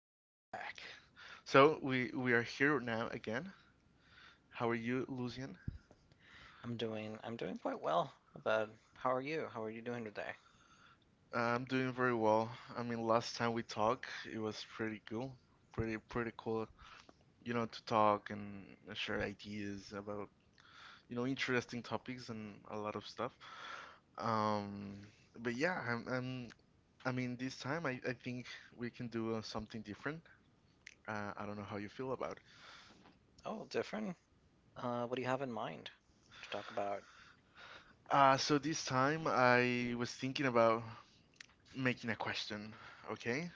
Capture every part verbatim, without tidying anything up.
welcome back. So we we are here now again. How are you, Lucian? I'm doing I'm doing quite well. But how are you? How are you doing today? I'm doing very well. I mean, last time we talked, it was pretty cool, pretty pretty cool. You know, to talk and share ideas about you know interesting topics and a lot of stuff. Um, but yeah, I'm, I'm I mean, this time I I think we can do uh, something different. Uh, I don't know how you feel about it. Oh, different. Uh, what do you have in mind to talk about? Uh, so this time I was thinking about making a question, okay?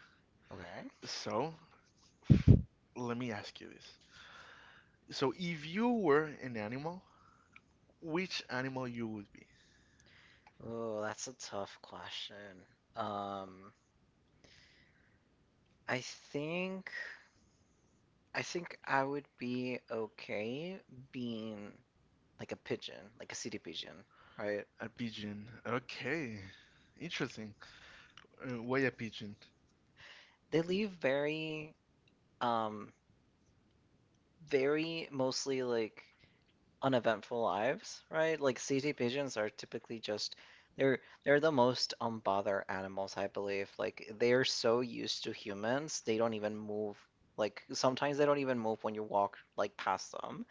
Okay. So, let me ask you this. So, if you were an animal, which animal you would be? Oh, that's a tough question. Um, I think I think I would be okay being like a pigeon, like a city pigeon, right? A pigeon. Okay. Interesting. Uh, why a pigeon? They leave very um very mostly like uneventful lives, right? Like city pigeons are typically just they're they're the most unbothered animals, I believe. Like they're so used to humans, they don't even move. Like sometimes they don't even move when you walk like past them.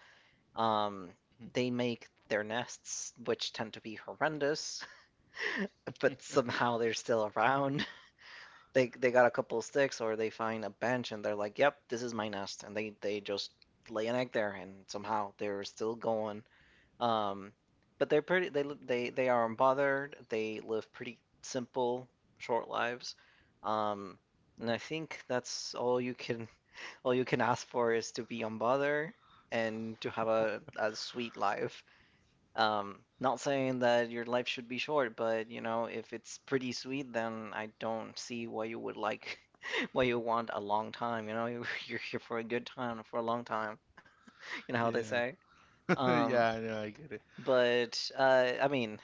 Um, Hmm. they make their nests, which tend to be horrendous, but somehow they're still around. They they got a couple sticks or they find a bench and they're like, "Yep, this is my nest," and they they just lay an egg there and somehow they're still going. Um, but they're pretty. They they they are unbothered. They live pretty simple, short lives. Um, and I think that's all you can all you can ask for is to be unbothered and to have a, a sweet life. Um, not saying that your life should be short, but you know, if it's pretty sweet, then I don't see why you would like why you want a long time. You know, you're here for a good time, for a long time. You know how they Yeah. say. Um, Yeah, I I get it. but uh, I mean,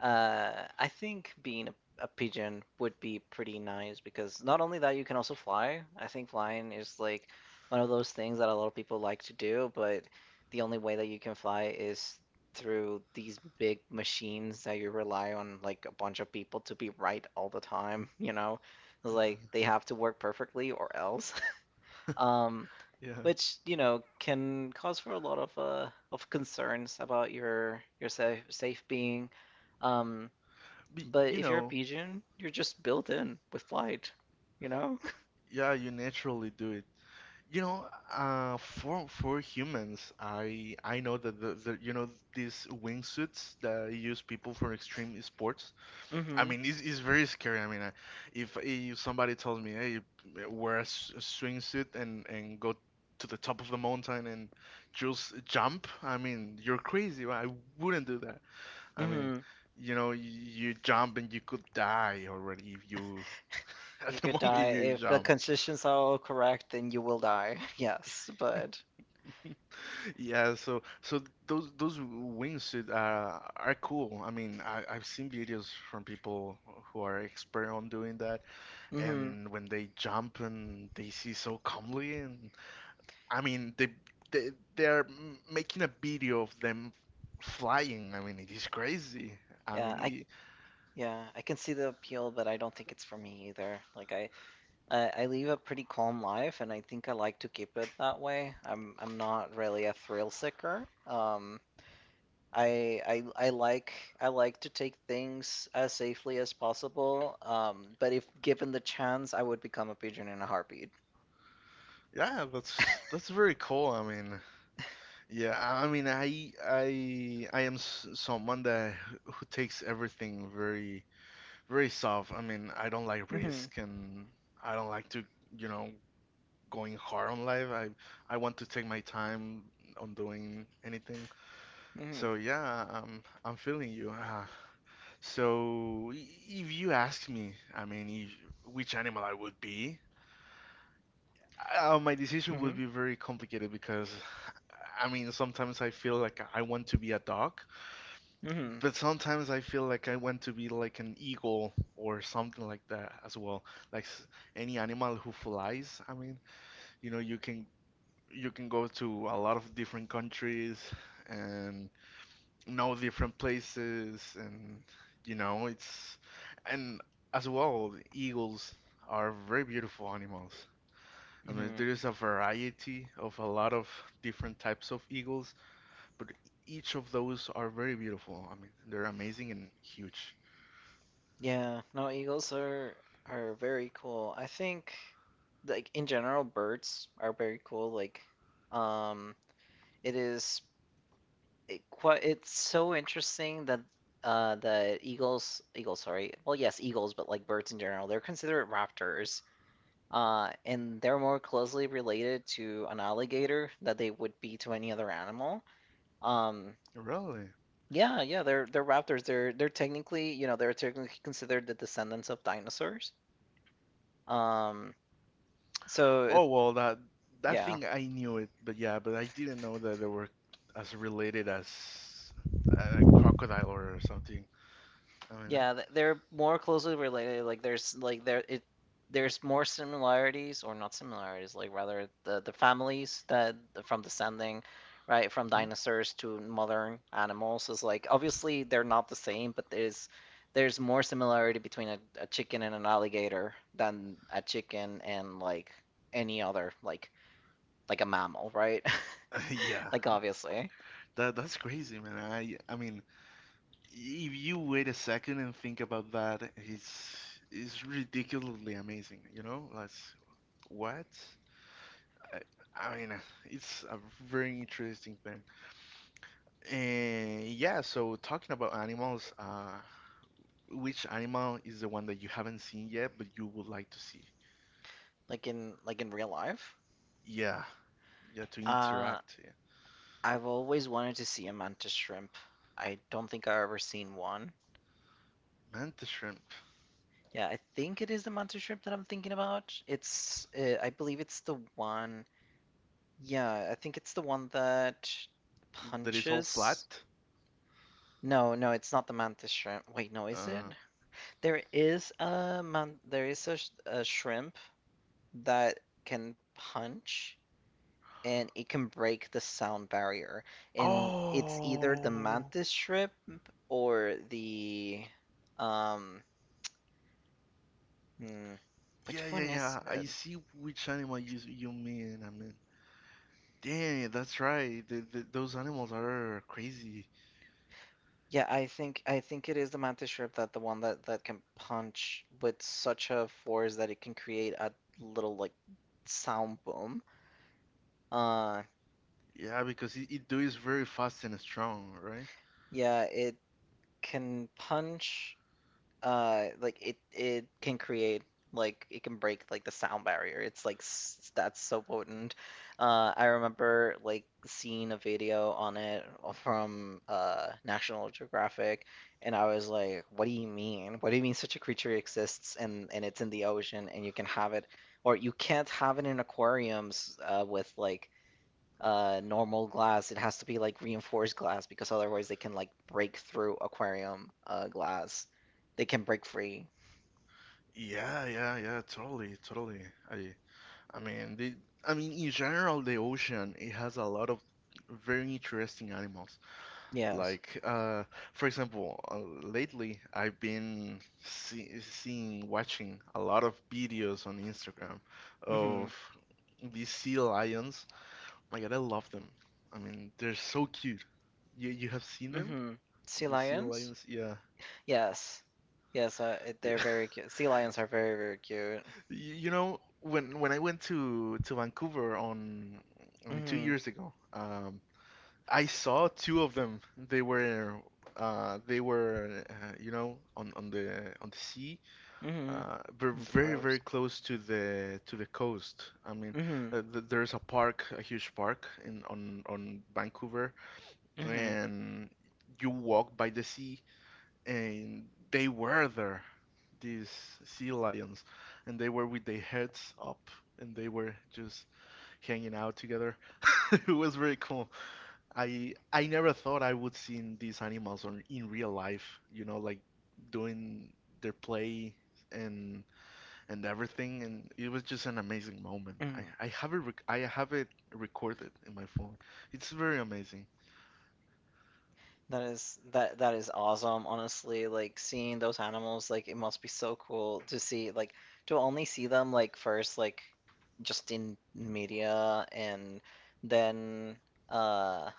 Uh, I think being a, a pigeon would be pretty nice because not only that, you can also fly. I think flying is like one of those things that a lot of people like to do, but the only way that you can fly is through these big machines that you rely on like a bunch of people to be right all the time, you know? It's Yeah, like they have to work perfectly or else. Um, yeah. which, you know, can cause for a lot of uh, of concerns about your your safe safe being. Um, But, but you if you're a know, pigeon, you're just built in with flight, you know? yeah, you naturally do it. You know, uh, for for humans, I I know that the, the you know these wingsuits that use people for extreme sports. I hmm mean, it's, it's very scary. I mean, I, if, if somebody tells me, hey, wear a, s- a swimsuit and, and go to the top of the mountain and just jump, I mean, you're crazy. Right? I wouldn't do that. I mean, hmm you know, you you jump and you could die already if you, at You the could moment die. you If the jump. conditions are all correct, then you will die. Yes, but Yeah, so so those those wingsuit uh, are cool. I mean, I, I've seen videos from people who are expert on doing that, hmm and when they jump and they see so calmly and I mean they they they're making a video of them flying. I mean it is crazy. I Yeah, mean I it, yeah, I can see the appeal, but I don't think it's for me either. Like I, I I leave a pretty calm life and I think I like to keep it that way. I'm I'm not really a thrill seeker. Um, I I I like I like to take things as safely as possible. Um, but if given the chance, I would become a pigeon in a heartbeat. yeah, that's that's very cool. I mean yeah, I I mean I I I am s- someone that who takes everything very, very soft. I mean I don't like Mhm. risk and I don't like to you know going hard on life. I I want to take my time on doing anything. Mhm. So yeah, um, I'm feeling you. Uh, so i- if you ask me, I mean, if, which animal I would be, uh, my decision would Mhm. be very complicated because, I mean, sometimes I feel like I want to be a dog, Mhm. but sometimes I feel like I want to be like an eagle or something like that as well. Like s- any animal who flies. I mean, you know, you can you can go to a lot of different countries and know different places, and you know it's, and as well eagles are very beautiful animals. I mean, Mhm. there is a variety of a lot of different types of eagles, but each of those are very beautiful. I mean they're amazing and huge. Yeah, no, eagles are are very cool. I think like in general birds are very cool. Like um it is it quite it's so interesting that uh that eagles eagles sorry. Well, yes, eagles, but like birds in general, they're considered raptors. Uh, and they're more closely related to an alligator than they would be to any other animal. Um, Really? yeah, yeah, they're they're raptors. They're they're technically, you know, they're technically considered the descendants of dinosaurs. Um, so it, Oh, well, that that yeah, thing I knew it, but yeah, but I didn't know that they were as related as a crocodile or something. I mean. Yeah, th- they're more closely related. Like there's like there it there's more similarities or not similarities, like rather the the families that from descending, right, from uh, dinosaurs to modern animals is like obviously they're not the same, but there's there's more similarity between a, a chicken and an alligator than a chicken and like any other like like a mammal, right? mhm. Like Yeah. obviously, That that's crazy, man. I I mean, if you wait a second and think about that, it's it's ridiculously amazing. You know, that's what. I, I mean, it's a very interesting thing. And yeah, so talking about animals, uh, which animal is the one that you haven't seen yet but you would like to see? like in like in real life. Yeah, yeah, to Uh, interact. Yeah. I've always wanted to see a mantis shrimp. I don't think I've ever seen one. Manta shrimp Yeah, I think it is the mantis shrimp that I'm thinking about. It's, uh, I believe it's the one. Yeah, I think it's the one that that is all punches. flat. No, no, it's not the mantis shrimp. Wait, no, is it? Uh, There is a man. There is a, sh- a shrimp that can punch, and it can break the sound barrier. And it's either the oh. mantis shrimp or the um hmm, Yeah, which yeah, one is yeah. I it? see which animal you you mean. I mean, dang, that's right. The, the, those animals are crazy. Yeah, I think I think it is the mantis shrimp that the one that that can punch with such a force that it can create a little like sound boom. Uh Yeah, because it, it do is very fast and strong, right? yeah, it can punch uh like it it can create like it can break like the sound barrier it's like s- that's so potent. uh I remember like seeing a video on it from uh National Geographic and I was like what do you mean what do you mean such a creature exists and and it's in the ocean and you can have it or you can't have it in aquariums uh with like uh normal glass. It has to be like reinforced glass because otherwise they can like break through aquarium uh glass. They can break free. Yeah, yeah, yeah. Totally, totally. I I mean, the I mean in general, the ocean it has a lot of very interesting animals. Yes. Like, uh, for example, uh, lately I've been see seeing, watching a lot of videos on Instagram Mhm. of these sea lions. My God, I love them. I mean, they're so cute. You you have seen them? Mhm. Sea The sea lions? lions? Yeah. Yes. Yes, uh, it- they're very cute. Sea lions are very, very cute. You, you know, when when I went to to Vancouver on, I mean, two Mhm. years ago, um, I saw two of them. They were uh, they were uh, you know on on the on the sea. Mhm. Uh, we're The very, very coast. close to the to the coast. I mean, Mhm. uh, th there's a park, a huge park in on on Vancouver, Mhm. and you walk by the sea, and they were there, these sea lions, and they were with their heads up, and they were just hanging out together. It was very cool. I I never thought I would see these animals on in real life, you know, like doing their play and and everything, and it was just an amazing moment. I Mhm. I have it rec- I have it recorded in my phone. It's very amazing. That is that that is awesome, honestly. Like seeing those animals, like it must be so cool to see, like to only see them like first, like just in media and then uh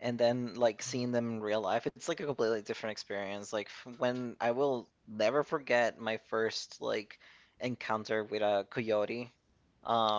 and then like seeing them in real life. It's like a completely different experience. Like f- when I will never forget my first like encounter with a coyote.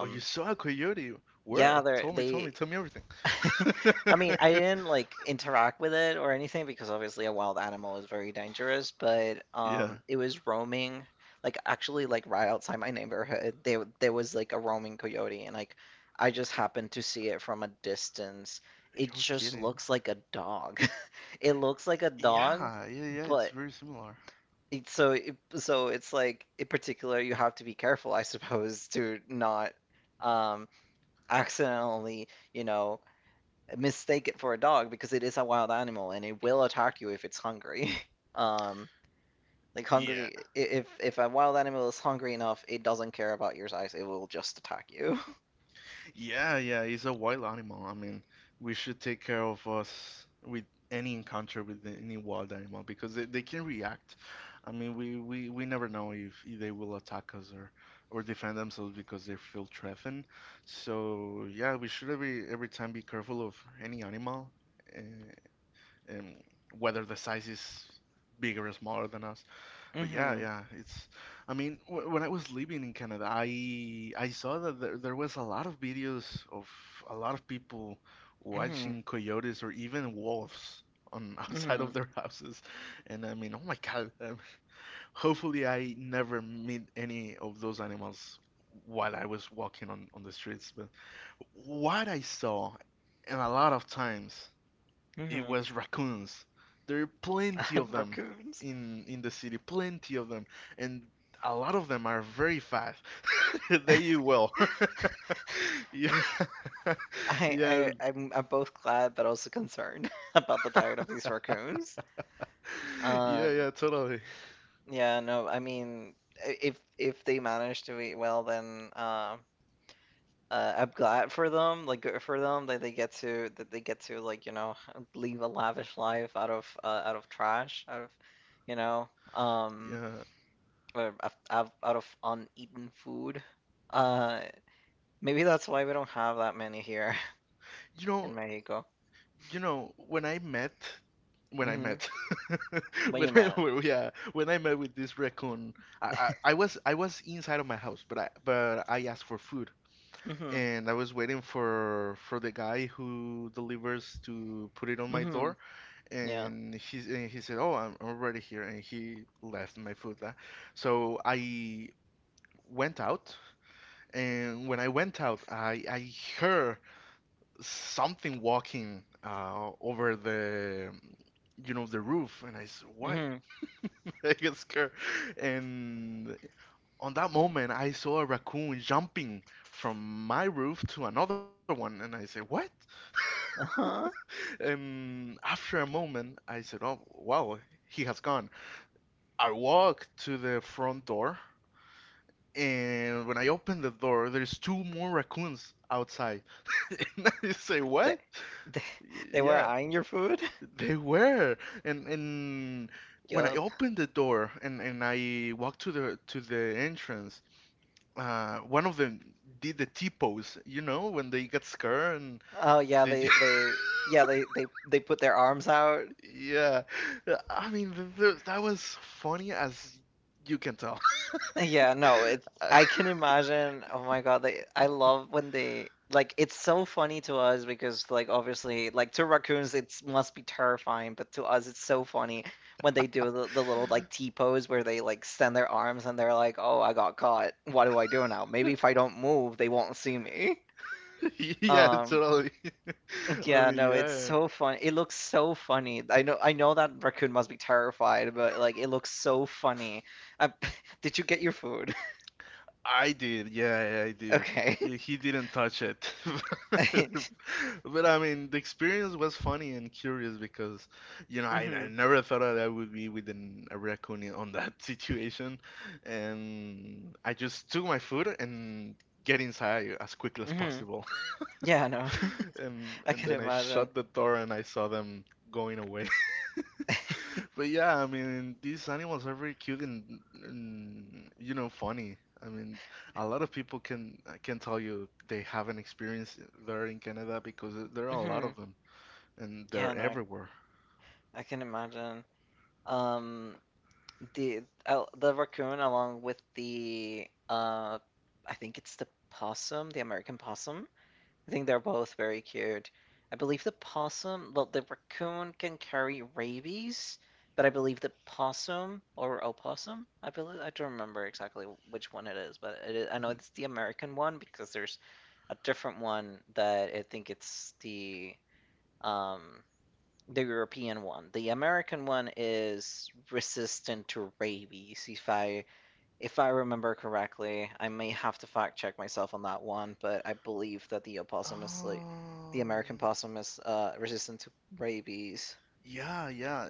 Oh, you saw a coyote? yeah, Where? they're Tell me, tell me, they tell me everything. I mean, I didn't like interact with it or anything because obviously a wild animal is very dangerous, but Yeah, um it was roaming like actually like right outside my neighborhood. There there was like a roaming coyote and like I just happened to see it from a distance. It you're just kidding. looks like a dog. It looks like a dog, Yeah, yeah, yeah. It's but very similar. it, so it, so it's like in particular you have to be careful, I suppose, to not um accidentally, you know, mistake it for a dog because it is a wild animal and it will attack you if it's hungry. um, like Yeah, hungry, if if a wild animal is hungry enough, it doesn't care about your size. It will just attack you. yeah, yeah, he's a wild animal. I mean, we should take care of us with any encounter with any wild animal because they, they can react. I mean, we, we, we never know if they will attack us, or, or defend themselves because they feel threatened. So yeah, we should every every time be careful of any animal, uh, um, whether the size is bigger or smaller than us. But yeah, Mhm. yeah, it's. I mean, w when I was living in Canada, I I saw that there, there was a lot of videos of a lot of people Mhm. watching coyotes or even wolves on outside of Mhm. their houses, and I mean, oh my God, um, hopefully I never meet any of those animals while I was walking on on the streets. But what I saw, and a lot of times it Mhm. was raccoons. There are plenty of And them raccoons. in in the city, plenty of them, and a lot of them are very fast. They eat well. Yeah, Yeah, I, yeah, I I'm I'm both glad but also concerned about the diet of these raccoons. yeah, Um. yeah, totally. Yeah. No. I mean, if if they manage to eat well, then um uh, I'm glad for them, like good for them that they get to that they get to like you know leave a lavish life out of uh, out of trash, out of you know um Yeah, or out out- out of uneaten food. Uh, maybe that's why we don't have that many here you know, in Mexico. you know, when I met, when I hmm met, When when you I, met. when- yeah, when I met with this raccoon, I, I, I was I was inside of my house, but I but I asked for food, hmm and I was waiting for for the guy who delivers to put it on my hmm door, Yeah. and he and he said, "Oh, I'm already here," and he left my food. uh. So I went out, and when I went out, I I heard something walking uh, over the you know the roof, and I said, "What?" hmm I get scared, and on that moment, I saw a raccoon jumping from my roof to another one, and I said, "What?" Uh-huh. And after a moment, I said, "Oh, wow, he has gone." I walked to the front door, and when I opened the door, there's two more raccoons outside. And I say, They, "What?" they they were Yeah, eyeing your food. they were. And, and when I Yup. opened the door, and, and I walked to the to the entrance, uh, one of them did the T pose, you know, when they got scared and Oh yeah, they. they they yeah they they they put their arms out. Yeah, I mean th th that was funny as you can tell. Yeah, no, it's I can imagine. Oh my God, like I love when they like it's so funny to us because like obviously like to raccoons it must be terrifying, but to us it's so funny when they do the, the little like T pose where they like extend their arms and they're like, "Oh, I got caught. What do I do now? Maybe if I don't move, they won't see me." Yeah, Um, totally. I yeah, mean, no, it's yeah, so fun. It looks so funny. I know I know that raccoon must be terrified, but like it looks so funny. I, did you get your food? I did. Yeah, yeah, I did. Okay. Yeah, he didn't touch it, but I mean, the experience was funny and curious because, you know, I, hmm I never thought that I would be with an, a raccoon in- on that situation, and I just took my food and get inside as quickly as hmm possible. Yeah, no, And I and can then I imagine. shut the door and I saw them going away. But yeah, I mean, these animals are very cute and, and you know, funny. I mean, a lot of people can can tell you they haven't experienced there in Canada because there are a lot of hmm them and Yeah, they're no, I, everywhere. I can imagine. Um, the uh, the raccoon along with the uh, I think it's the possum, the American possum. I think they're both very cute. I believe the possum, well, the raccoon can carry rabies, but I believe the possum or opossum, I believe I don't remember exactly which one it is, but it is, I know Mhm. it's the American one because there's a different one that I think it's the um the European one. The American one is resistant to rabies, if I if I remember correctly, I may have to fact check myself on that one, but I believe that the opossum is like the Oh, American yeah. possum is uh, resistant to rabies. Yeah, yeah.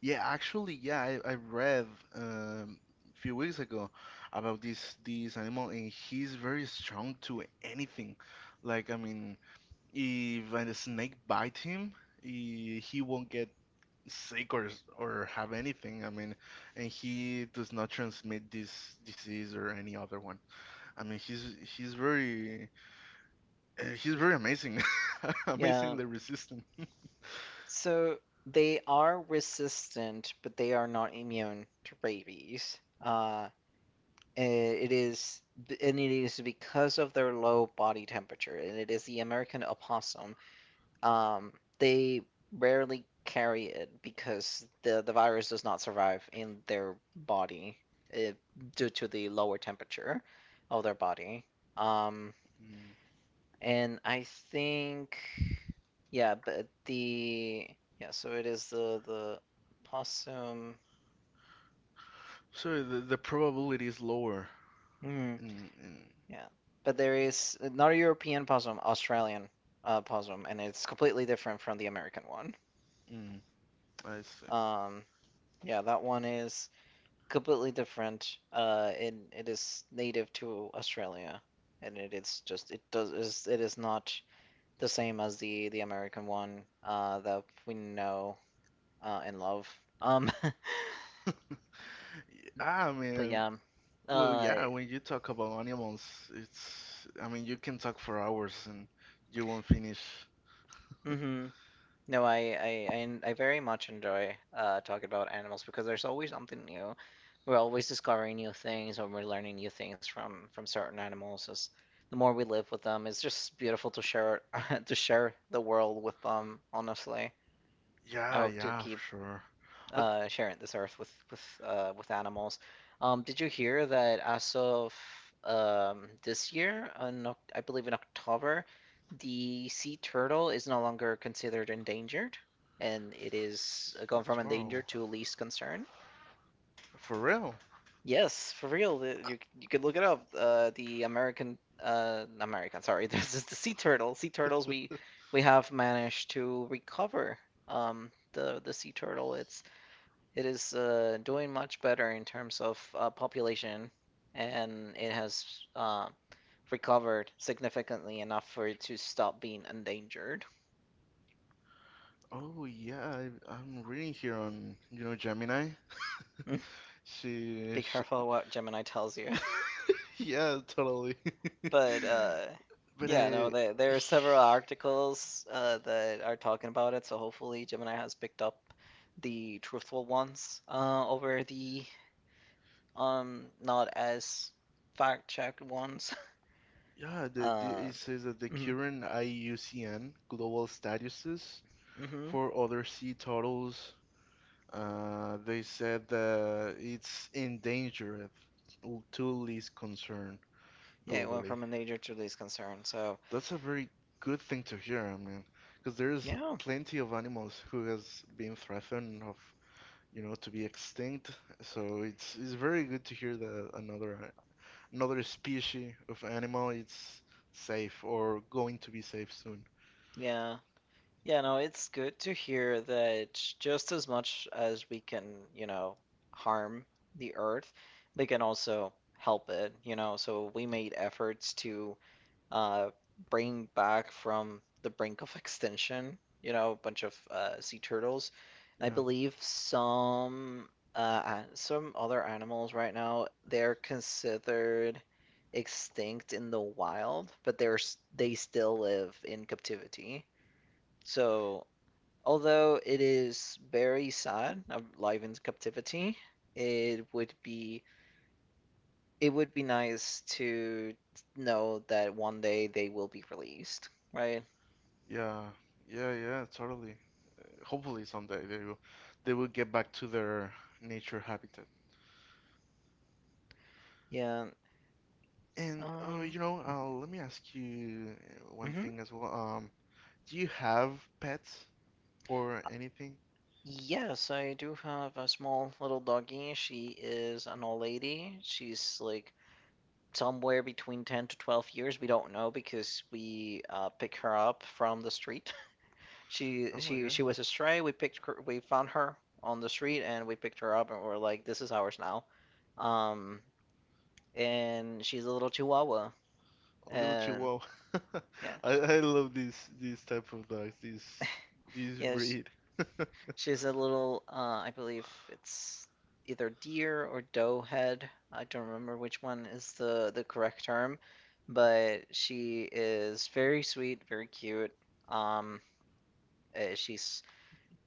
Yeah, actually, yeah, I, I read um a few weeks ago about this this animal and he's very strong to anything. Like, I mean, if a snake bites him, he, he won't get sick or s- or have anything. I mean, and he does not transmit this disease or any other one. I mean, he's he's very uh, he's very amazing, Yeah. amazingly resistant. So they are resistant, but they are not immune to rabies. Uh, it is, and it is because of their low body temperature, and it is the American opossum. Um, they rarely carry it because the the virus does not survive in their body uh, due to the lower temperature of their body. Um, Mm. and I think yeah, but the yeah, so it is the the possum. So the, the probability is lower. Hmm, Mm, yeah, but there is not a European possum, Australian uh, possum, and it's completely different from the American one. mm, mm, I see. Um, yeah, that one is completely different. Uh, and it is native to Australia, and it is just it does is it is not the same as the the American one uh, that we know uh, and love. Um, Yeah, I but mean, yeah, well, uh, yeah, when you talk about animals, it's, I mean, you can talk for hours and you won't finish. mhm. No, I, I, I, I very much enjoy uh, talking about animals because there's always something new. We're always discovering new things, or we're learning new things from from certain animals. As the more we live with them, it's just beautiful to share to share the world with them, honestly. I Yeah, hope to yeah, for keep sure. Uh, uh, sharing this earth with with uh, with animals. Um, did you hear that as of um, this year, on, Oc- I believe in October, the sea turtle is no longer considered endangered, and it is uh, gone from Wow, endangered to least concern? for real? Yes, for real. the- You you could look it up. Uh, the American uh, American, sorry, this is the sea turtle. Sea turtles we we have managed to recover um, the the sea turtle. It's it is uh, doing much better in terms of uh, population, and it has uh, recovered significantly enough for it to stop being endangered. Oh yeah, I, I'm reading here on, you know, Gemini. She, Be she careful what Gemini tells you. yeah, totally. But uh, But yeah, no, I, there, there are several articles uh, that are talking about it, so hopefully Gemini has picked up the truthful ones uh, over the um not as fact checked ones. yeah, the, the Uh, it says that the mm-hmm, current I U C N global statuses mm-hmm. for other sea turtles, uh, they said that it's endangered, l- to least concern Yeah, it went globally. from a danger to this concern. So, That's a very good thing to hear, I mean, because there's yeah, plenty of animals who has been threatened of, you know, to be extinct. So it's it's very good to hear that another another species of animal it's safe or going to be safe soon. yeah, yeah. No, it's good to hear that just as much as we can, you know, harm the Earth, we can also help it. You know, so we made efforts to uh, bring back from the brink of extinction, you know, a bunch of uh, sea turtles. And I Yeah, believe some uh, an- some other animals right now, they're considered extinct in the wild, but they're s- they still live in captivity. So, although it is very sad, uh, live in captivity, it would be it would be nice to know that one day they will be released, right? yeah, yeah, yeah, totally. Hopefully someday they will they will get back to their nature habitat. Yeah. And uh, Um. you know, uh, let me ask you uh, one Mhm. thing as well. Um, do you have pets? Or anything. Yes, I do have a small little doggy. She is an old lady. She's like somewhere between ten to twelve years. We don't know because we uh, pick her up from the street. Oh She my she she god, was a stray. We picked her, we found her on the street and we picked her up, and we're like, this is ours now. Um, and she's a little chihuahua a little and chihuahua. yeah. I, I love these these type of dogs, these these Yeah, sh- breed. she has a little, uh, I believe it's either deer or doe head. I don't remember which one is the the correct term, but she is very sweet, very cute. Um, uh, she's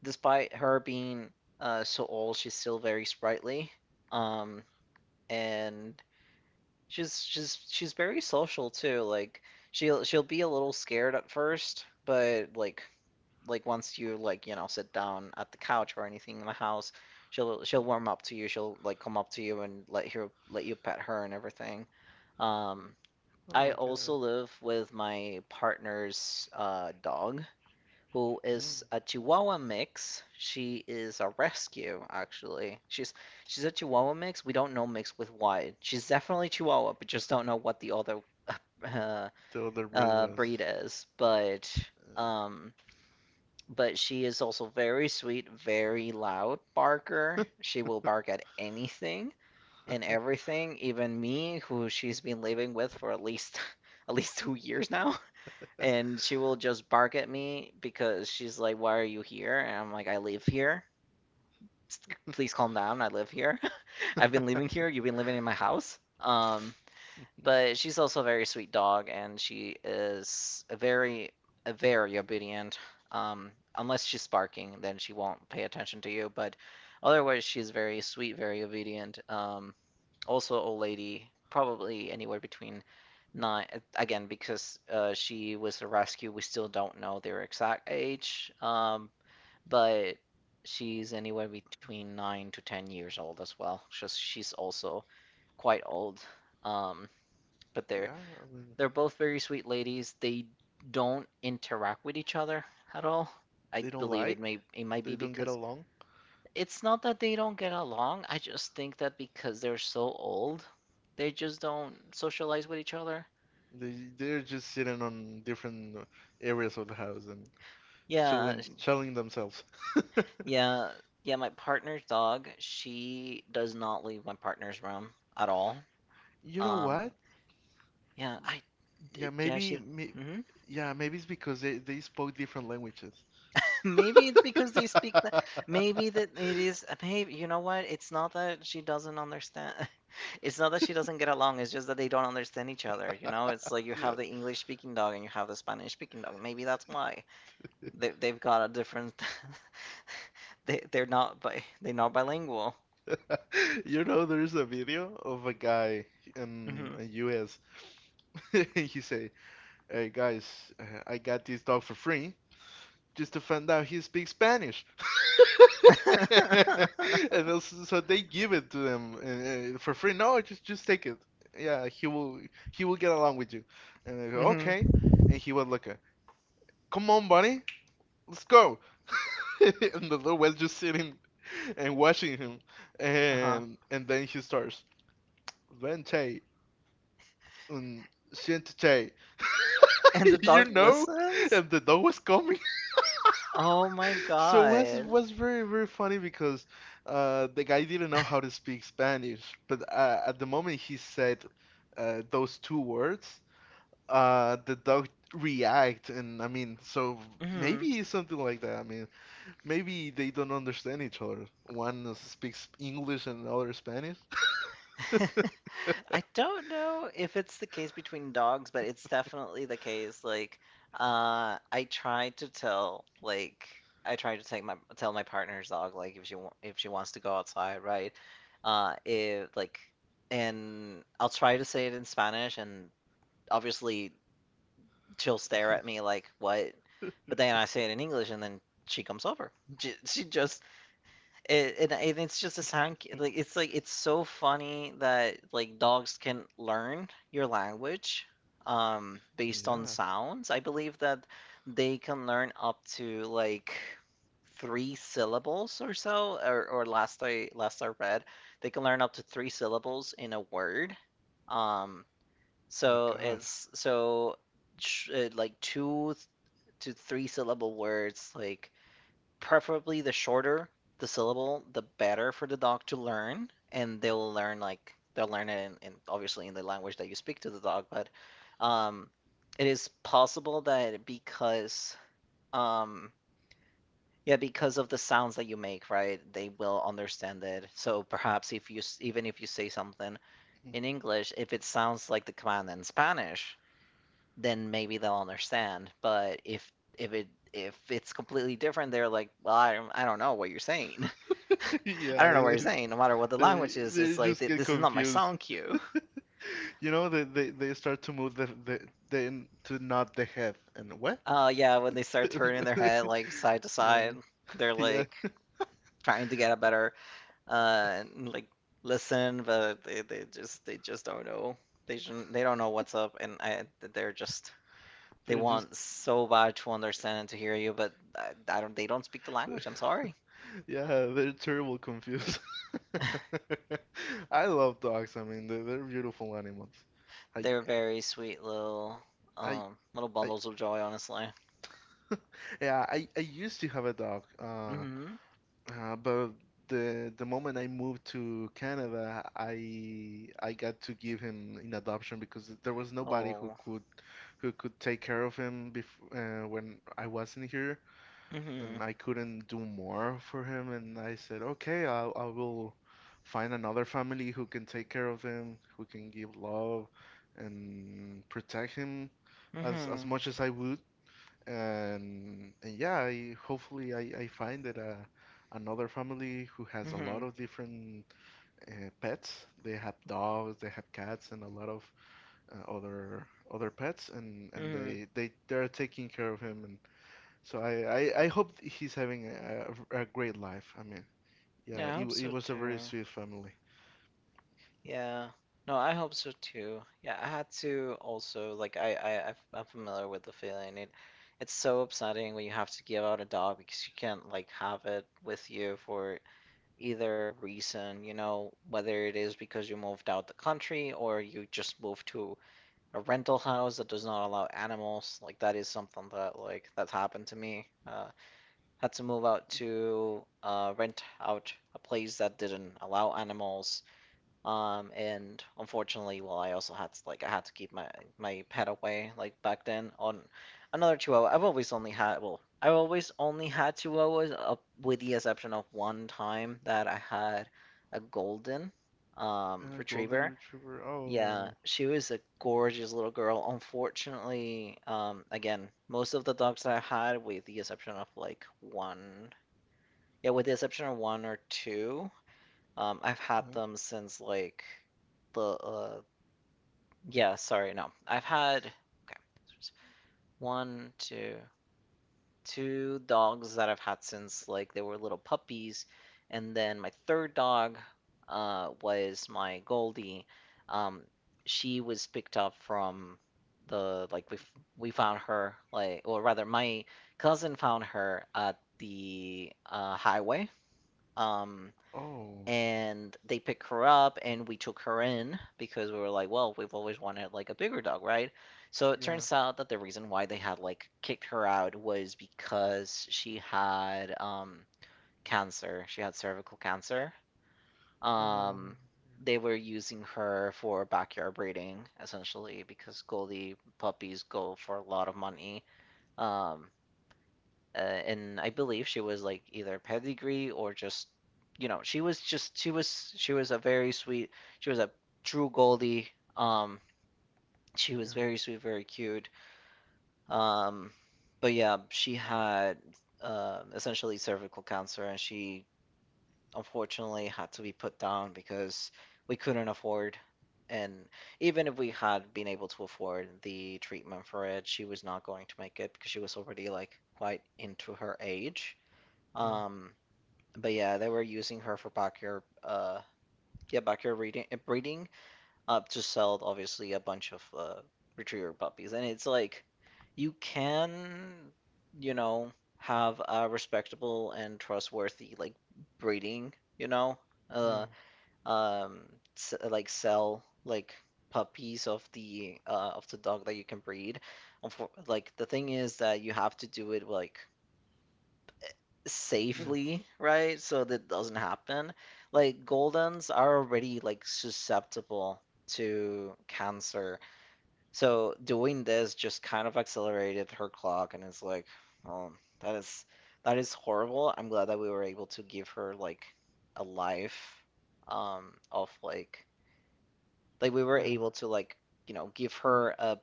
despite her being uh so old, she's still very sprightly. Um, and she's she's she's very social too. Like she'll she'll be a little scared at first, but like like once you like you know sit down at the couch or anything in the house, she'll Oh, she'll warm up to you. She'll like come up to you and let her let you pet her and everything. Um, oh I my also god. live with my partner's uh, dog, who Mm. is a Chihuahua mix. She is a rescue, actually. She's she's a Chihuahua mix. We don't know mix with what. She's definitely Chihuahua, but just don't know what the other uh, The other breed uh, was, breed is. But uh, um, but she is also very sweet, very loud barker. She will bark at anything and everything, even me, who she's been living with for at least at least two years now. And she will just bark at me because she's like, "Why are you here?" And I'm like, "I live here. Please calm down. I live here. I've been living here. You've been living in my house." Um, but she's also a very sweet dog, and she is a very, a very obedient. Um, unless she's barking, then she won't pay attention to you. But otherwise, she's very sweet, very obedient. Um, also, old lady, probably anywhere between nine. Again, because uh, she was a rescue, we still don't know their exact age. Um, but she's anywhere between nine to ten years old as well. She's she's also quite old. Um, but they're yeah, I mean, they're both very sweet ladies. They don't interact with each other at all. I they don't believe it like, may it might they be don't get because along. it's not that they don't get along. I just think that because they're so old, they just don't socialize with each other. They they're just sitting on different uh, areas of the house and Yeah, chilling chilling themselves. yeah, yeah. My partner's dog, she does not leave my partner's room at all. You know Um, what? yeah, I, d- Yeah, yeah, maybe she, may, mhm. yeah, maybe it's because they they spoke different languages. Maybe it's because they speak that. Maybe that it is. Maybe you know what? It's not that she doesn't understand. It's not that she doesn't get along. It's just that they don't understand each other. You know, it's like you have Yeah. the English speaking dog and you have the Spanish speaking dog. Maybe that's why they they've got a different. They they're not bi they're not bilingual. You know, there's a video of a guy in Hmm. the U S. He say, "Hey guys, uh, I got this dog for free just to find out he speaks Spanish." And also, so they give it to them uh, uh, for free. No, just just take it. Yeah, he will he will get along with you. And they go, Hmm. "Okay." And he was like, uh, "Come on, buddy, let's go." And the dog was just sitting and watching him. Uh-huh. And and then he starts. Vente, on Shuntei. And the You dog know? listens? And the dog was coming. Oh my So it was, God. was very, very funny because uh, the guy didn't know how to speak Spanish. But uh, at the moment he said uh, those two words, uh, the dog react. And I mean, so Hmm. maybe it's something like that. I mean, maybe they don't understand each other. One speaks English and another Spanish. I don't know if it's the case between dogs, but it's definitely the case. Like, uh, I try to tell, like, I try to take my tell my partner's dog, like, if she wa- if she wants to go outside, right? Uh, if like, and I'll try to say it in Spanish, and obviously she'll stare at me like, what? But then I say it in English, and then she comes over. She, she just it, and, and it's just a sound ca- like it's like it's so funny that like dogs can learn your language um based on Yeah. sounds. I believe that they can learn up to like three syllables or so, or, or last I last I read, they can learn up to three syllables in a word. Um Oh my so God. it's so sh- uh, like two to three syllable words like preferably the shorter the syllable, the better for the dog to learn, and they'll learn like they'll learn it in, in obviously in the language that you speak to the dog, but um, it is possible that because um, yeah, because of the sounds that you make, right? They will understand it. So perhaps if you s- even if you say something in English, if it sounds like the command in Spanish, then maybe they'll understand. But if if it if it's completely different, they're like, well, I don't, I don't know what you're saying. I Yeah, don't know what you're it- saying. No matter what the they language is, they it's like just th- get this is not my confused. song cue. You know, they, they, they start to move the, the, the to nod the head. And what? Uh, yeah, when they start turning their head like side to Yeah, side, they're yeah, like trying to get a better uh like listen, but they, they just they just don't know. They shouldn't, they don't know what's up, and I, they're just they they're just, want so bad to understand and to hear you, but I, I don't they don't speak the language. I'm sorry. yeah, they're terrible confused. I love dogs. I mean, they're, they're beautiful animals. I, They're very sweet little I, um little I, bundles of joy, honestly. yeah, I, I used to have a dog. Uh, Mhm. Uh, but the the moment I moved to Canada, I I got to give him in adoption because there was nobody who Oh. could who could take care of him before uh, when I wasn't here, and Mhm. I couldn't do more for him. And I said, okay, I I will find another family who can take care of him, who can give love and protect him as as Mhm. much as I would, and, and yeah, I, hopefully I, I find that uh, another family who has a lot Mhm. of different uh, pets. They have dogs, they have cats, and a lot of uh, other other pets, and, and Mm-hmm. they they they're taking care of him. And so I, I, I hope he's having a, a, a great life. I mean, yeah, Yeah, I it, hope w- it so was a very too. sweet family. Yeah. No, I hope so too. Yeah, I had to also like I I I've- I'm familiar with the feeling. It it's so upsetting when you have to give out a dog because you can't like have it with you for either reason, you know, whether it is because you moved out the country or you just moved to a rental house that does not allow animals. Like that is something that like that's happened to me. Uh had to move out to uh, rent out a place that didn't allow animals. Um, and unfortunately, well, I also had to, like I had to keep my my pet away. Like back then, on another Chihuahua, I've always only had well, I have always only had Chihuahuas, up with the exception of one time that I had a golden um, Uh, Golden retriever. Retriever. Yeah, Oh, she was a gorgeous little girl. Unfortunately, um, again, most of the dogs that I had, with the exception of like one yeah, with the exception of one or two, um, I've had uh, them since like the uh, yeah, sorry, no, I've had okay, one, two, two dogs that I've had since like they were little puppies, and then my third dog uh, was my Goldie. Um, she was picked up from the like we f- we found her like, or rather my cousin found her at the uh, highway. Um, oh, and they picked her up and we took her in because we were like, well, we've always wanted like a bigger dog, right? So it yeah, turns out that the reason why they had like kicked her out was because she had um cancer. She had cervical cancer. oh, um they were using her for backyard breeding, essentially, because Goldie puppies go for a lot of money. um uh, and I believe she was like either pedigree or just you know she was just she was she was a very sweet, she was a true Goldie. um she was yeah, very sweet, very cute. um but yeah, she had uh, essentially cervical cancer, and she unfortunately had to be put down because we couldn't afford, and even if we had been able to afford the treatment for it, she was not going to make it because she was already like quite into her age. yeah, um but yeah, they were using her for backyard, uh, yeah, backyard breeding, uh, breeding, uh, to sell, obviously, a bunch of uh, retriever puppies, and it's like, you can, you know, have a respectable and trustworthy like breeding, you know, yeah, uh, um, s- like sell like puppies of the uh of the dog that you can breed. Unfor- Like the thing is that you have to do it like yeah, safely, right? So that doesn't happen. Like goldens are already like susceptible to cancer. So doing this just kind of accelerated her clock, and it's like, oh, that is, that is horrible. I'm glad that we were able to give her like a life um of like like we were yeah. Yeah. able to like, you know, give Yeah, her a,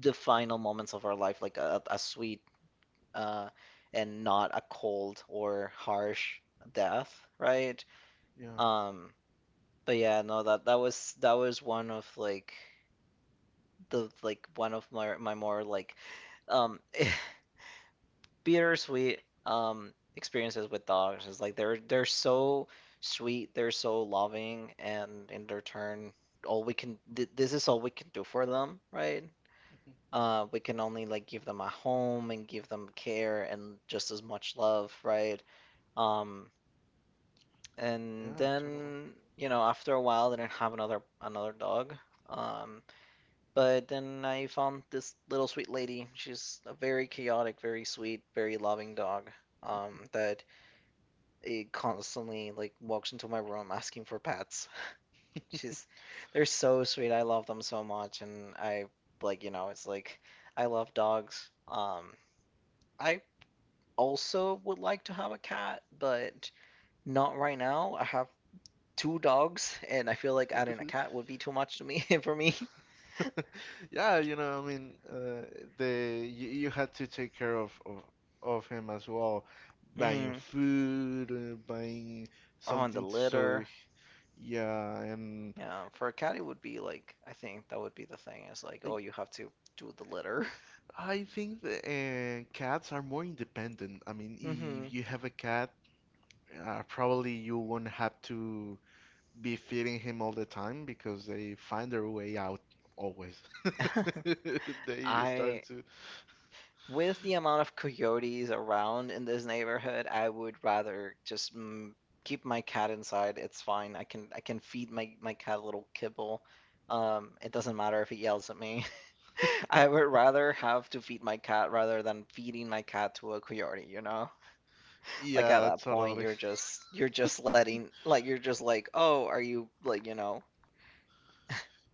the final moments of her life, like a, a sweet, uh, and not a cold or harsh death, right? yeah. Um, but yeah, no, that, that was, that was one of like the, like one of my, my more like um bittersweet um experiences with dogs, is like, they're they're so sweet, they're so loving, and in their turn, all we can th- this is all we can do for them, right? Mhm. Uh, we can only like give them a home and give them care and just as much love, right? Um, and Yeah, totally. then, you know, after a while, I didn't have another another dog. um but then I found this little sweet lady. She's a very chaotic, very sweet, very loving dog, um that, it constantly like walks into my room asking for pets. She's, they're so sweet, I love them so much, and I, like, you know, it's like, I love dogs. um I also would like to have a cat, but not right now. I have two dogs, and I feel like adding a cat would be too much to me, for me. Yeah, you know, I mean, uh, the you, you had to take care of, of of him as well, buying Hmm. food, uh, buying Oh, and the something. So, h- litter. yeah, and Yeah, for a cat, it would be like, I think that would be the thing, is like, I, oh, you have to do the litter. I think the, uh, cats are more independent. I mean, Hmm. if you have a cat, uh, probably you won't have to be feeding him all the time because they find their way out always. They start I, to. with the amount of coyotes around in this neighborhood, I would rather just, mm, keep my cat inside. It's fine. I can I can feed my my cat a little kibble. Um, it doesn't matter if he yells at me. I would rather have to feed my cat rather than feeding my cat to a coyote, you know? Like, at Yeah, that point, totally. you're just you're just letting, like, you're just like, "Oh, are you like, you know,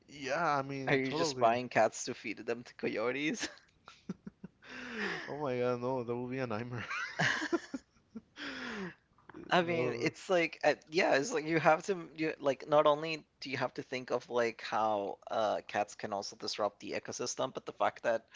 Yeah, I are mean, you just totally. buying cats to feed them to coyotes?" Oh my God, no, that would be a nightmare. I mean, No, it's like, uh, yeah, it's like, you have to, you like, not only do you have to think of like how uh cats can also disrupt the ecosystem, but the fact that,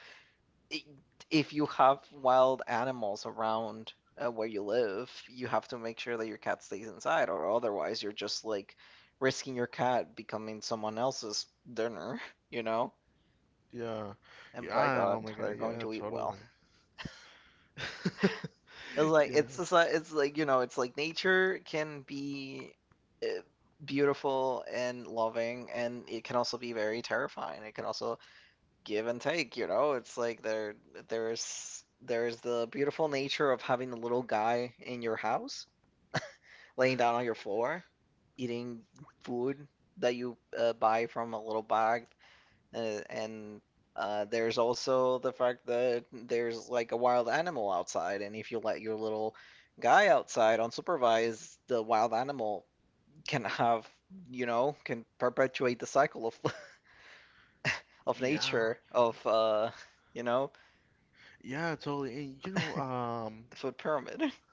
if you have wild animals around uh, where you live, you have to make sure that your cat stays inside, or otherwise you're just like risking your cat becoming someone else's dinner, you know? yeah, And by yeah. Oh God, my God, they're going yeah, to eat well. totally. It's like Yeah, it's just like, it's like, you know, it's like nature can be, uh, beautiful and loving, and it can also be very terrifying. It can also give and take, you know? It's like, there there's there's the beautiful nature of having the little guy in your house, laying down on your floor, eating food that you, uh, buy from a little bag, uh, and uh, there's also the fact that there's like a wild animal outside, and if you let your little guy outside unsupervised, the wild animal can have, you know, can perpetuate the cycle of of yeah, nature, of, uh, you know, yeah, totally. And you know, um, food pyramid.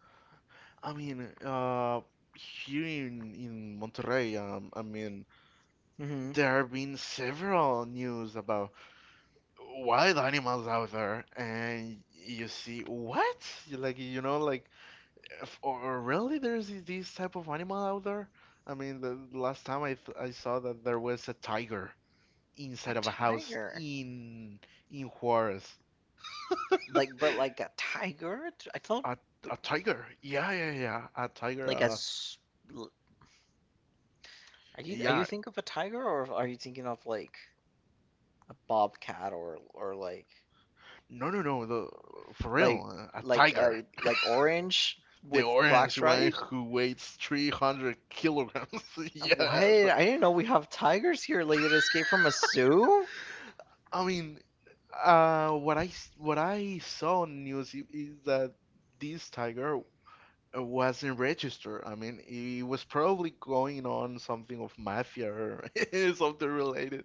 I mean, uh, here in in Monterrey, um, I mean, Mm-hmm. there have been several news about wild animals out there, and you see what? You, like, you know, like, if, or really, there's these these type of animal out there? I mean, the the last time I, th I saw that there was a tiger A inside of a house tiger, in in Juarez. like, but like a tiger. I thought, A a tiger? Yeah, yeah, yeah. A tiger. like, Uh, as, are you, are you yeah. thinking of a tiger, or are you thinking of like a bobcat, or or like, No, no, no. The For like real, uh, a like uh tiger. like orange The with black orange one stripes? who weighs three hundred kilograms. What? Yes. I didn't know we have tigers here. Like, they escaped from a zoo? I mean, uh, what I s- what I saw on news i- is that this tiger uh, wasn't registered. I mean, it was probably going on something of mafia or something related.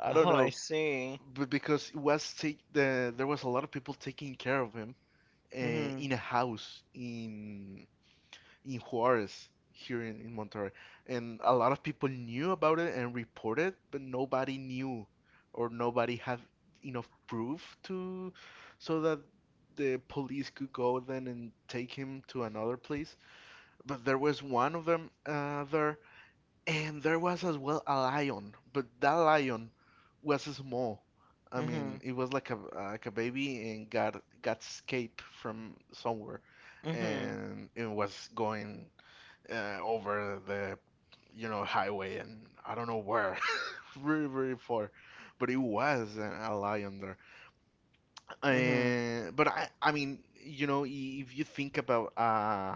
I don't Oh, I know, see. but because it was take the there was a lot of people taking care of him uh, Hmm. in a house in in Juarez here in, in Monterrey, and a lot of people knew about it and reported, but nobody knew or nobody had enough proof to, so that the police could go then and take him to another place, but there was one of them uh, there, and there was as well a lion, but that lion was small. I mean, it was like a like a baby and got got escaped from somewhere, Mhm. and it was going uh, over the you know highway and I don't know where, very, very far, but it was a, a lion there. Mhm. Mhm. And but I I mean, you know i- if you think about uh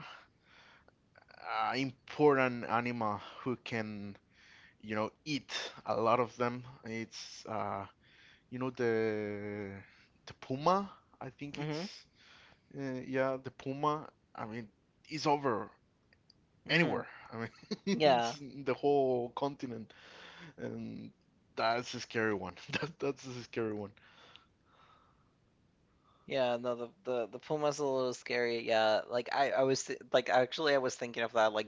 uh, important animal who can, you know, eat a lot of them. It's, uh, you know, the the puma. I think Mhm. it's, uh, yeah, the puma. I mean, it's over Mhm. anywhere. I mean, it's Yeah. in the whole continent, and that's a scary one. That that's a scary one. Yeah, no, the, the the puma's a little scary. Yeah, like I I was th like actually I was thinking of that. Like,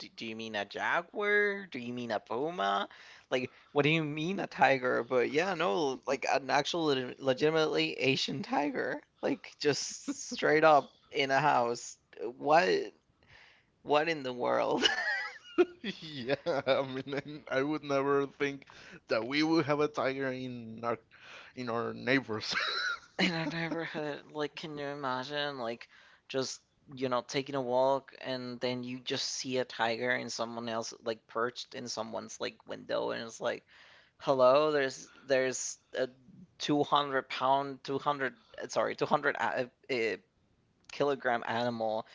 do, do you mean a jaguar? Do you mean a puma? Like, what do you mean, a tiger? But yeah, no, like an actual leg legitimately Asian tiger, like just straight up in a house. What what in the world? Yeah, I mean, I would never think that we would have a tiger in our in our neighbors. In our neighborhood. Like, can you imagine, like, just, you know, taking a walk and then you just see a tiger and someone else, like, perched in someone's, like, window, and it's like, hello, there's, there's a two hundred pound, two hundred, uh, sorry, two hundred a, a eh, kilogram animal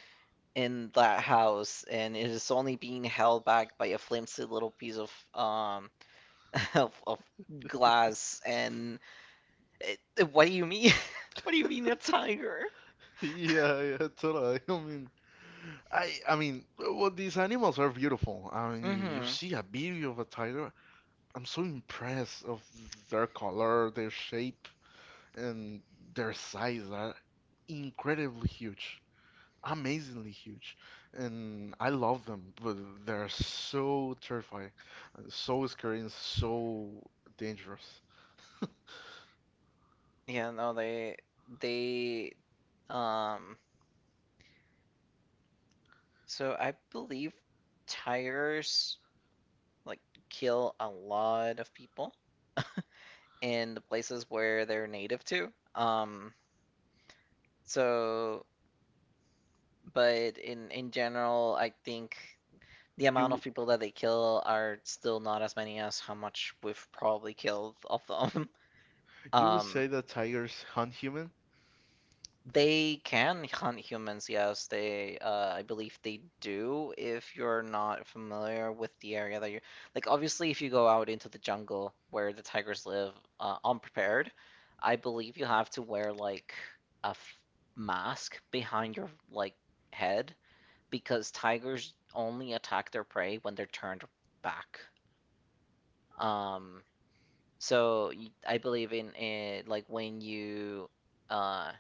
in that house, and it is only being held back by a flimsy little piece of, um, of, of glass, and it, what do you mean? What do you mean, a tiger? Yeah, yeah, totally. I mean, I, I mean, well, these animals are beautiful. I mean, you, you Mm-hmm. see a video of a tiger. I'm so impressed of their color, their shape, and their size are incredibly huge, amazingly huge, and I love them. But they're so terrifying, so scary, and so dangerous. Yeah, no, they they um so I believe tigers like kill a lot of people in the places where they're native to. Um so, but in in general, I think the amount of You, people that they kill are still not as many as how much we've probably killed of them. you would Um. say that tigers hunt human? They can hunt humans, yes. They, uh, I believe they do, if you're not familiar with the area that you're. Like, obviously, if you go out into the jungle where the tigers live, uh, unprepared, I believe you have to wear, like, a f mask behind your, like, head, because tigers only attack their prey when they're turned back. Um, so, y- I believe in it, like, when you, uh,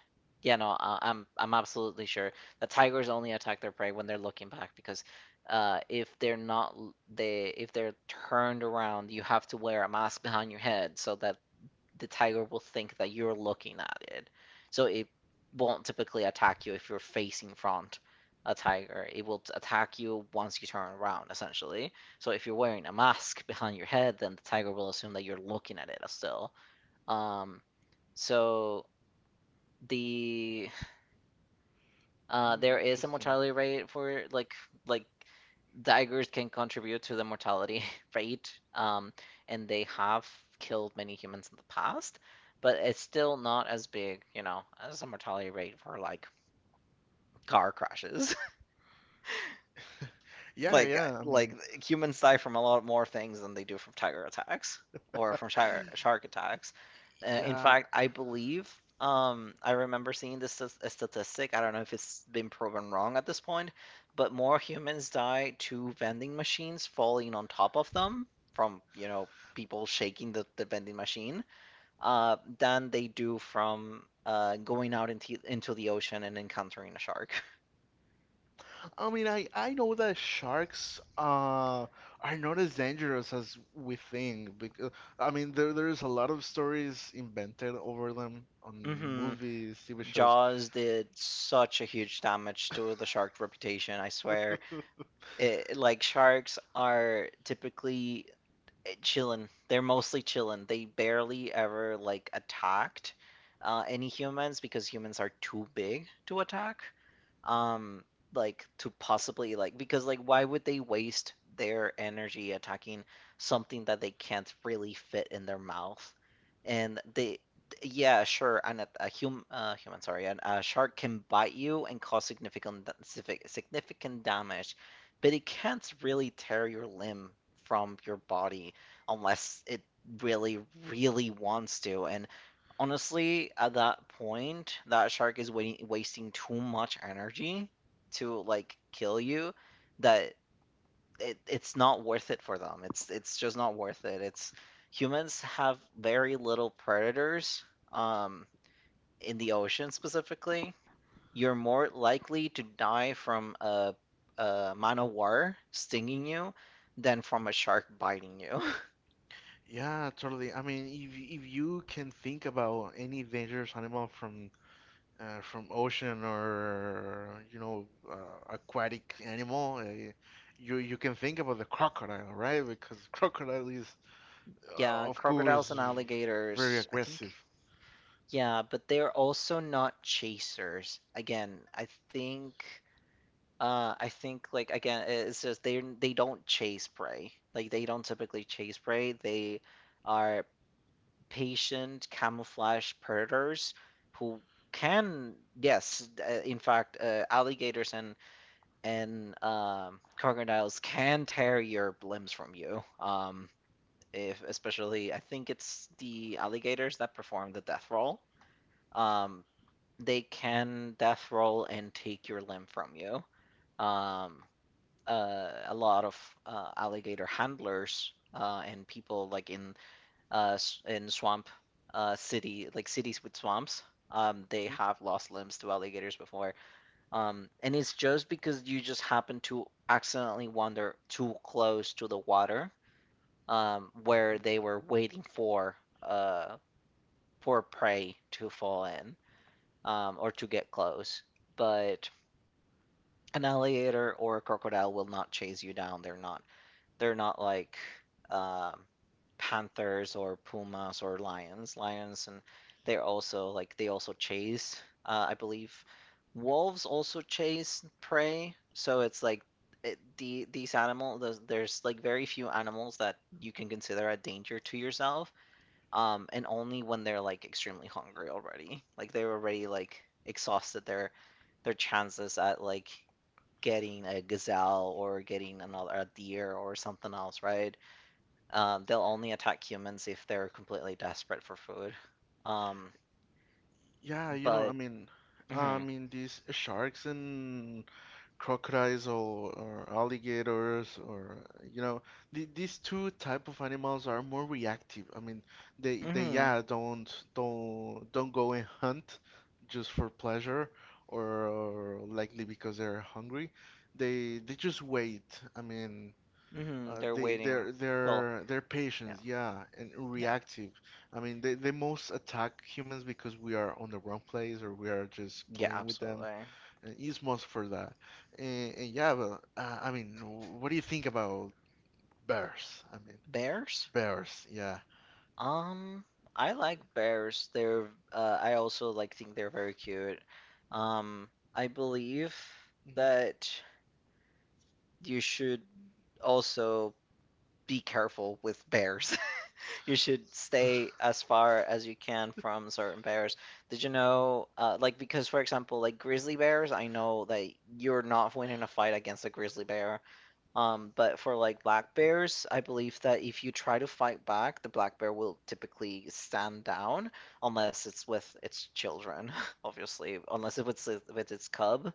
yeah, no, I- I'm I'm absolutely sure that tigers only attack their prey when they're looking back, because, uh, if they're not l- they if they're turned around, you have to wear a mask behind your head, so that the tiger will think that you're looking at it. So it won't typically attack you if you're facing front a tiger. It will attack you once you turn around, essentially. So if you're wearing a mask behind your head, then the tiger will assume that you're looking at it still. Um, so the uh, Mm, there is a interesting. mortality rate for like like daggers can contribute to the mortality rate, um, and they have killed many humans in the past, but it's still not as big, you know, as a mortality rate for like car crashes. Yeah, Like yeah. I like mean. humans die from a lot more things than they do from tiger attacks or from shark shark attacks. Uh, in Yeah, fact, I believe, um I remember seeing this as a statistic. I don't know if it's been proven wrong at this point, but more humans die to vending machines falling on top of them from, you know, people shaking the, the vending machine, uh, than they do from uh, going out into into the ocean and encountering a shark. I mean, I I know that sharks uh are not as dangerous as we think because I mean there there's a lot of stories invented over them on Hmm. movies, T V shows. Jaws did such a huge damage to the shark reputation, I swear. It, like, sharks are typically chilling. They're mostly chilling. They barely ever like attacked, uh, any humans, because humans are too big to attack. Um, like, to possibly like, because like, why would they waste their energy attacking something that they can't really fit in their mouth? And they, yeah, sure. And a, a hum, uh, human, sorry, and a shark can bite you and cause significant significant damage, but it can't really tear your limb from your body unless it really, really wants to. And honestly, at that point, that shark is wa- wasting too much energy to like kill you, that it, it's not worth it for them. It's it's just not worth it. It's, humans have very little predators um in the ocean specifically. You're more likely to die from a a man o' war stinging you than from a shark biting you. Yeah, totally. I mean, if y- if you can think about any dangerous animal from uh, from ocean or you know uh, aquatic animal, uh, you you can think about the crocodile, right? Because crocodile is, uh, Yeah, of crocodiles course, and v- very alligators, I think. aggressive. Yeah, but they're also not chasers. Again, I think. Uh, I think, like, again, it's just, they they don't chase prey. Like, they don't typically chase prey. They are patient camouflage predators who can, yes, uh, in fact, uh, alligators and and um, crocodiles can tear your limbs from you. Um, if, especially I think it's the alligators that perform the death roll. Um, they can death roll and take your limb from you. Um, uh, a lot of uh, alligator handlers uh, and people like in uh, in swamp uh, city like cities with swamps. Um, they have lost limbs to alligators before, um, and it's just because you just happen to accidentally wander too close to the water um, where they were waiting for uh, for prey to fall in, um, or to get close. But an alligator or a crocodile will not chase you down. They're not. They're not like um, panthers or pumas or lions. Lions and they're also like they also chase. Uh, I believe wolves also chase prey. So it's like it, the these animals. There's like very few animals that you can consider a danger to yourself, um, and only when they're like extremely hungry already. Like they're already like exhausted their their chances at like getting a gazelle or getting another a deer or something else, right? Um, they'll only attack humans if they're completely desperate for food. Um, Yeah, you know, I but mean, I mhm, mean these sharks and crocodiles or, or alligators or you know, the, these two type of animals are more reactive. I mean, they they mhm, yeah, don't don't don't go and hunt just for pleasure or, likely because they're hungry. They they just wait. I mean, mhm, Uh, they're they waiting. they're Well, they're they're yeah, patient, yeah, and yeah, reactive. I mean, they they most attack humans because we are on the wrong place or we are just yeah, playing with them, absolutely. and it's most for that. And, and yeah, but uh, I mean, what do you think about bears? I mean, Bears? bears, yeah. Um, I like bears. They're uh, I also like think they're very cute. Um, I believe Mhm. that you should also be careful with bears. You should stay as far as you can from certain bears. Did you know, uh, like, because for example, like grizzly bears, I know that you're not winning a fight against a grizzly bear. Um, but for like black bears, I believe that if you try to fight back, the black bear will typically stand down unless it's with its children, obviously, unless if it's with with its cub.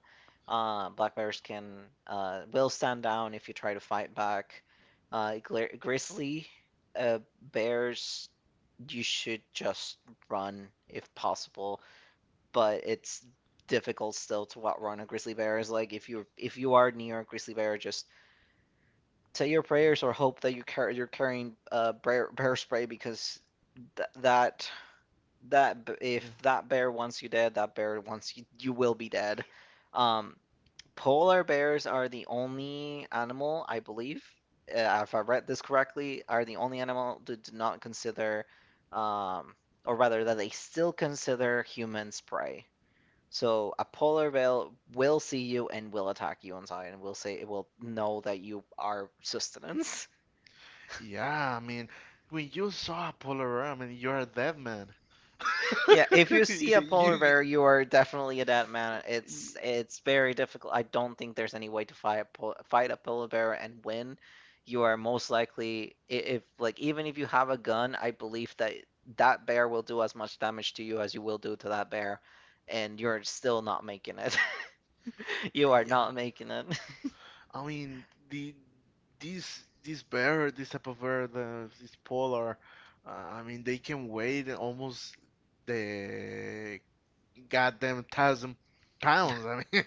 Uh, black bears can uh, will stand down if you try to fight back. Uh, gri- grizzly uh, bears, you should just run if possible, but it's difficult still to outrun a grizzly bear. Is like if you if you are near a grizzly bear, just say your prayers or hope that you car- you're carrying uh, bear, bear spray because th- that that Yeah. if that bear wants you dead, that bear wants you you will be dead. Um, Polar bears are the only animal, I believe, uh, if I read this correctly, are the only animal that do not consider, um, or rather that they still consider humans prey. So a polar bear will see you and will attack you inside, and will say it will know that you are sustenance. Yeah, I mean, when you saw a polar bear, I mean, you're a dead man. Yeah, if you You, see a polar you, bear, you are definitely a dead man. you- It's it's very difficult. I don't think there's any way to fight a pol fight a polar bear and win. You are most likely i- if like even if you have a gun, I believe that that bear will do as much damage to you as you will do to that bear, and you're still not making it. You are yeah. not making it. I mean, the these these bear, this type of bear, the, this polar. Uh, I mean, they can weigh almost the goddamn thousand pounds. I mean,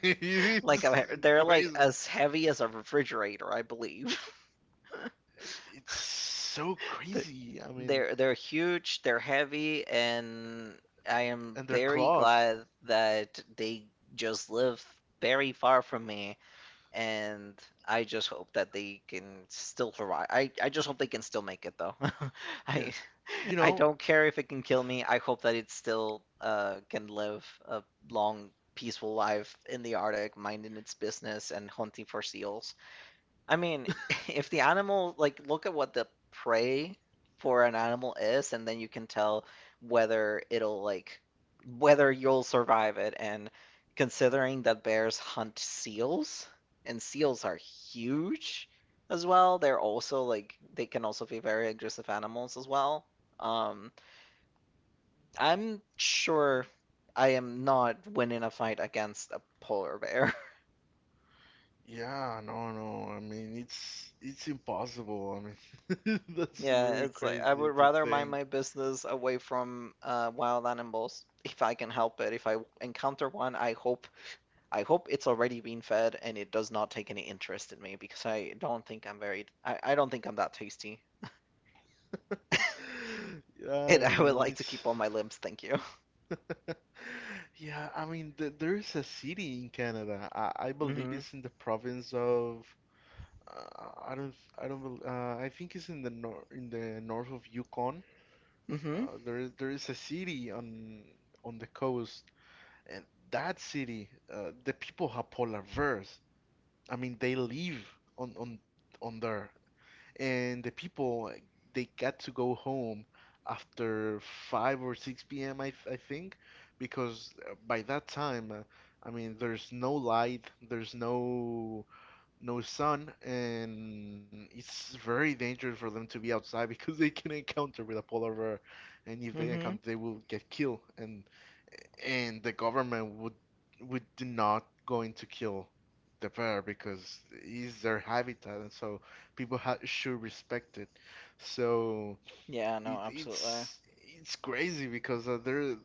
Like a, it's bear- they're like crazy. as heavy as a refrigerator, I believe. It's so Th- crazy. I mean, They're they're huge, they're heavy, and I am and their very claws. glad that they just live very far from me, and I just hope that they can still survive. I, I just hope they can still make it though. Yeah, I you I know. don't care if it can kill me. I hope that it still uh can live a long, peaceful life in the Arctic, minding its business and hunting for seals. I mean, if the animal, like, look at what the prey for an animal is, and then you can tell whether it'll, like, whether you'll survive it. And considering that bears hunt seals, and seals are huge as well, they're also, like, they can also be very aggressive animals as well. Um, I'm sure I am not winning a fight against a polar bear. Yeah, no, no. I mean, it's it's impossible. I mean, that's Yeah, very it's like I crazy would to rather mind my think. business away from uh, wild animals if I can help it. If I encounter one, I hope I hope it's already been fed and it does not take any interest in me because I don't think I'm very I, I don't think I'm that tasty. Yeah, And I I would mean, like to it's. keep all my limbs, thank you. Yeah, I mean, th there is a city in Canada. I, I believe Mm-hmm. it's in the province of, uh, I don't I don't bel- uh, I think it's in the nor in the north of Yukon. Mm-hmm. Uh, there there is a city on on the coast, and that city, uh, the people have polar bears. I mean, they live on on on there, and the people, they got to go home after five or six p m. I, th- I think because uh, by that time, uh, I mean there's no light, there's no no sun and it's very dangerous for them to be outside because they can encounter with a polar bear, and if they Mm-hmm. encounter they will get killed, and and the government would would not going to kill the bear because it's their habitat, and so people ha should respect it. So Yeah, no, it, absolutely. it's it's crazy because uh, there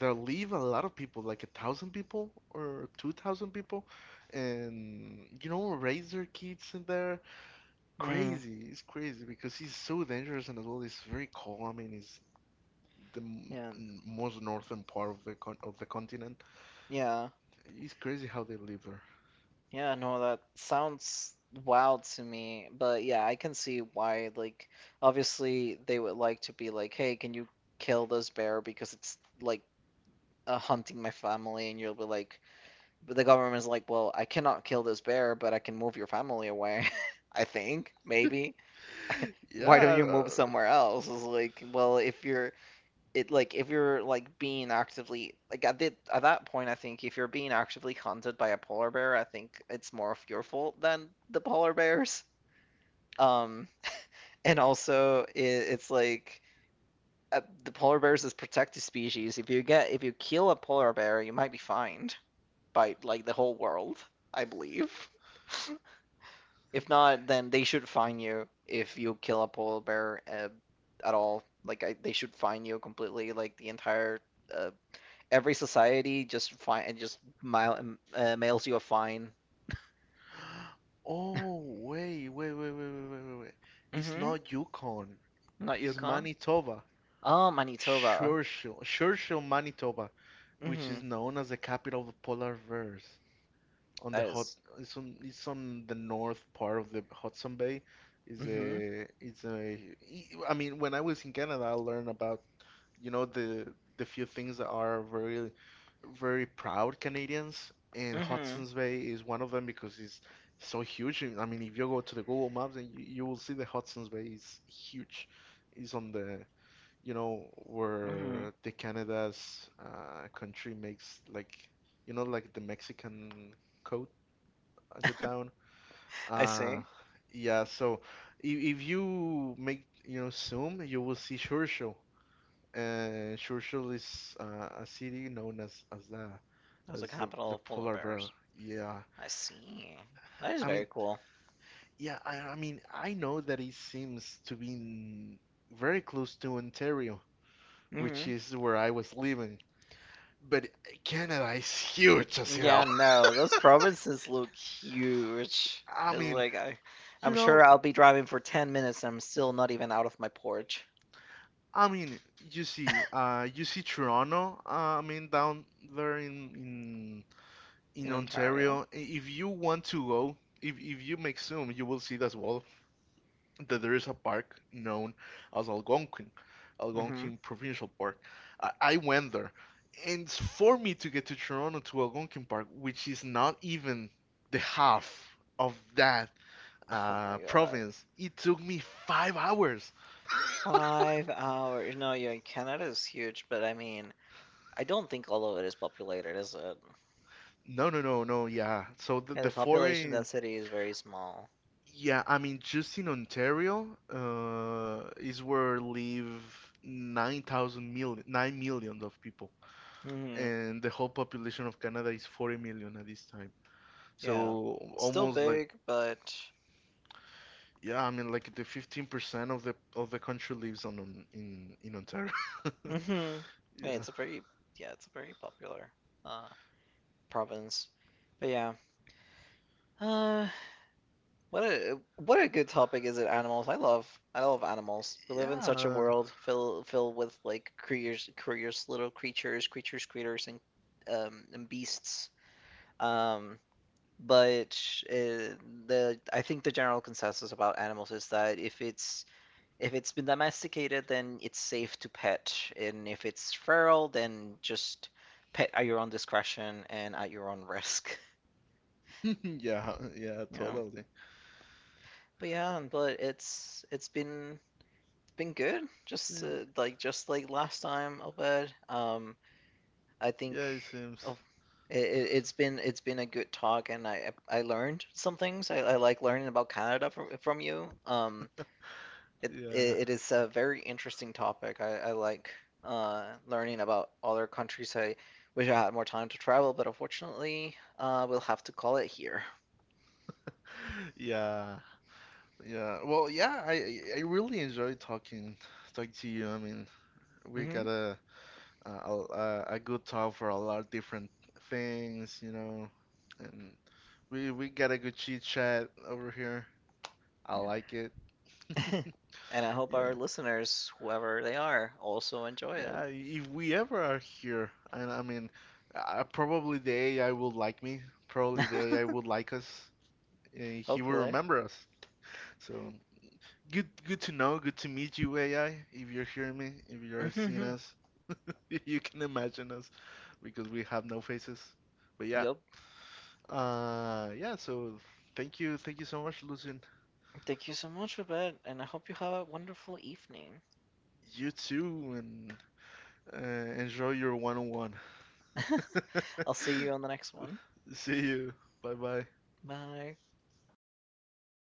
there live a lot of people, like a thousand people or two thousand people, and you know raise their kids in there. Mm. Crazy, it's crazy because it's so dangerous and as well it's very cold. I mean, it's the m- Yeah. most northern part of the con of the continent, Yeah. it's crazy how they live there. Yeah, no, that sounds wild to me, but yeah, I can see why, like, obviously they would like to be like, hey, can you kill this bear because it's, like, uh, hunting my family? And you'll be like, but the government's like, well, I cannot kill this bear, but I can move your family away, I think, maybe. Why don't Yeah. you move uh, somewhere else? It's like, well, if you're it like if you're like being actively like at the, at that point I think if you're being actively hunted by a polar bear, I think it's more of your fault than the polar bears. Um, and also it, it's like uh, the polar bears is protected species. If you get if you kill a polar bear, you might be fined by like the whole world, I believe. If not, then they should fine you if you kill a polar bear uh, at all. Like I, they should fine you completely, like the entire uh, every society just fine and just mail, uh, mails you a fine. Oh, wait, wait, wait, wait, wait, wait, wait, wait. It's Mm-hmm. not Yukon. Not It's Yukon. Manitoba. Oh, Manitoba. Churchill, Churchill, Manitoba, which Mm-hmm. is known as the capital of the polar bears. On the That hot, is. it's on, it's on the north part of the Hudson Bay. Is Mm-hmm. a, it's a, I mean, when I was in Canada, I learned about you know the the few things that are very, very proud Canadians, and Mm-hmm. Hudson's Bay is one of them because it's so huge. And, I mean, if you go to the Google Maps and you, you will see the Hudson's Bay is huge. It's on the, you know, Mm-hmm. where the Canada's uh, country makes like, you know, like the Mexican coat at the town. I Uh, see. yeah, so if, if you make, you know, zoom, you will see Sure Show. Uh, Churchill is uh, a city known as as the That was the as the, capital the of polar polar bear. bears. Yeah, I see. That is I mean, very cool. yeah, I, I mean, I know that it seems to be in- very close to Ontario, which Mm-hmm. is where I was living. But Canada is huge as Yeah, hell. no, those provinces look huge. I It's mean, like I, you I'm sure know, I'll be driving for ten minutes and I'm still not even out of my porch I mean, you see, uh, you see Toronto, uh, I mean, down there in in in in Ontario. Ontario. I- If you want to go, if if you make Zoom, you will see that as well, that there is a park known as Algonquin, Mm-hmm. Algonquin Provincial Park. I, I went there, and for me to get to Toronto to Algonquin Park, which is not even the half of that Oh my uh, god. province, it took me five hours. Five hours. No, yeah, Canada is huge, but I mean, I don't think all of it is populated, is it? No, no, no, no, yeah. So the, Yeah, the the population foreign, density is very small. yeah, I mean, just in Ontario, uh, is where live nine thousand of people. Hmm. And the whole population of Canada is forty million at this time. Yeah. So It's still almost like big, but yeah, I mean like the fifteen percent of the of the country lives on, on in in Ontario. hmm. Yeah, Yeah. it's a very yeah, it's a very popular uh province. But yeah. Uh what a what a good topic is it animals. I love I love animals. We live in such a Yeah. world fill filled with like creatures creatures little creatures, creatures, critters and um and beasts. Um, but uh, the I think the general consensus about animals is that if it's if it's been domesticated, then it's safe to pet, and if it's feral, then just pet at your own discretion and at your own risk. Yeah, yeah, You know. totally. But yeah, but it's it's been been good. Just uh, Eh, like just like last time, I'll bet. Um, I think yeah, it Oh, seems. it, it- it's been it's been a good talk, and I I learned some things. I, I like learning about Canada from from you. Um, it it, Yeah. It is a very interesting topic. I, I like uh learning about other countries. I wish I had more time to travel, but unfortunately, uh, we'll have to call it here. Yeah. Yeah. Well, yeah, I I I really enjoy talking talking to you. I mean, we Hmm. gotta uh, a, a a good talk for a lot of different things, you know. And we we got a good chit chat over here. I Yeah. like it. And I hope our Yeah. listeners, whoever they are, also enjoy Yeah, if we ever are here, and I mean, uh, probably the A I will like me. Probably it. the A I would like us. And he will Hopefully. remember us. So good, good to know. Good to meet you, A I. If you're hearing me, if you're seeing us, if you can imagine us, because we have no faces. But yeah, Yup. Uh, yeah. So thank you, thank you so much, Lucien. Thank you so much for that, and I hope you have a wonderful evening. You too, and uh, enjoy your one-on-one. I'll see you on the next one. See you. Bye bye. Bye.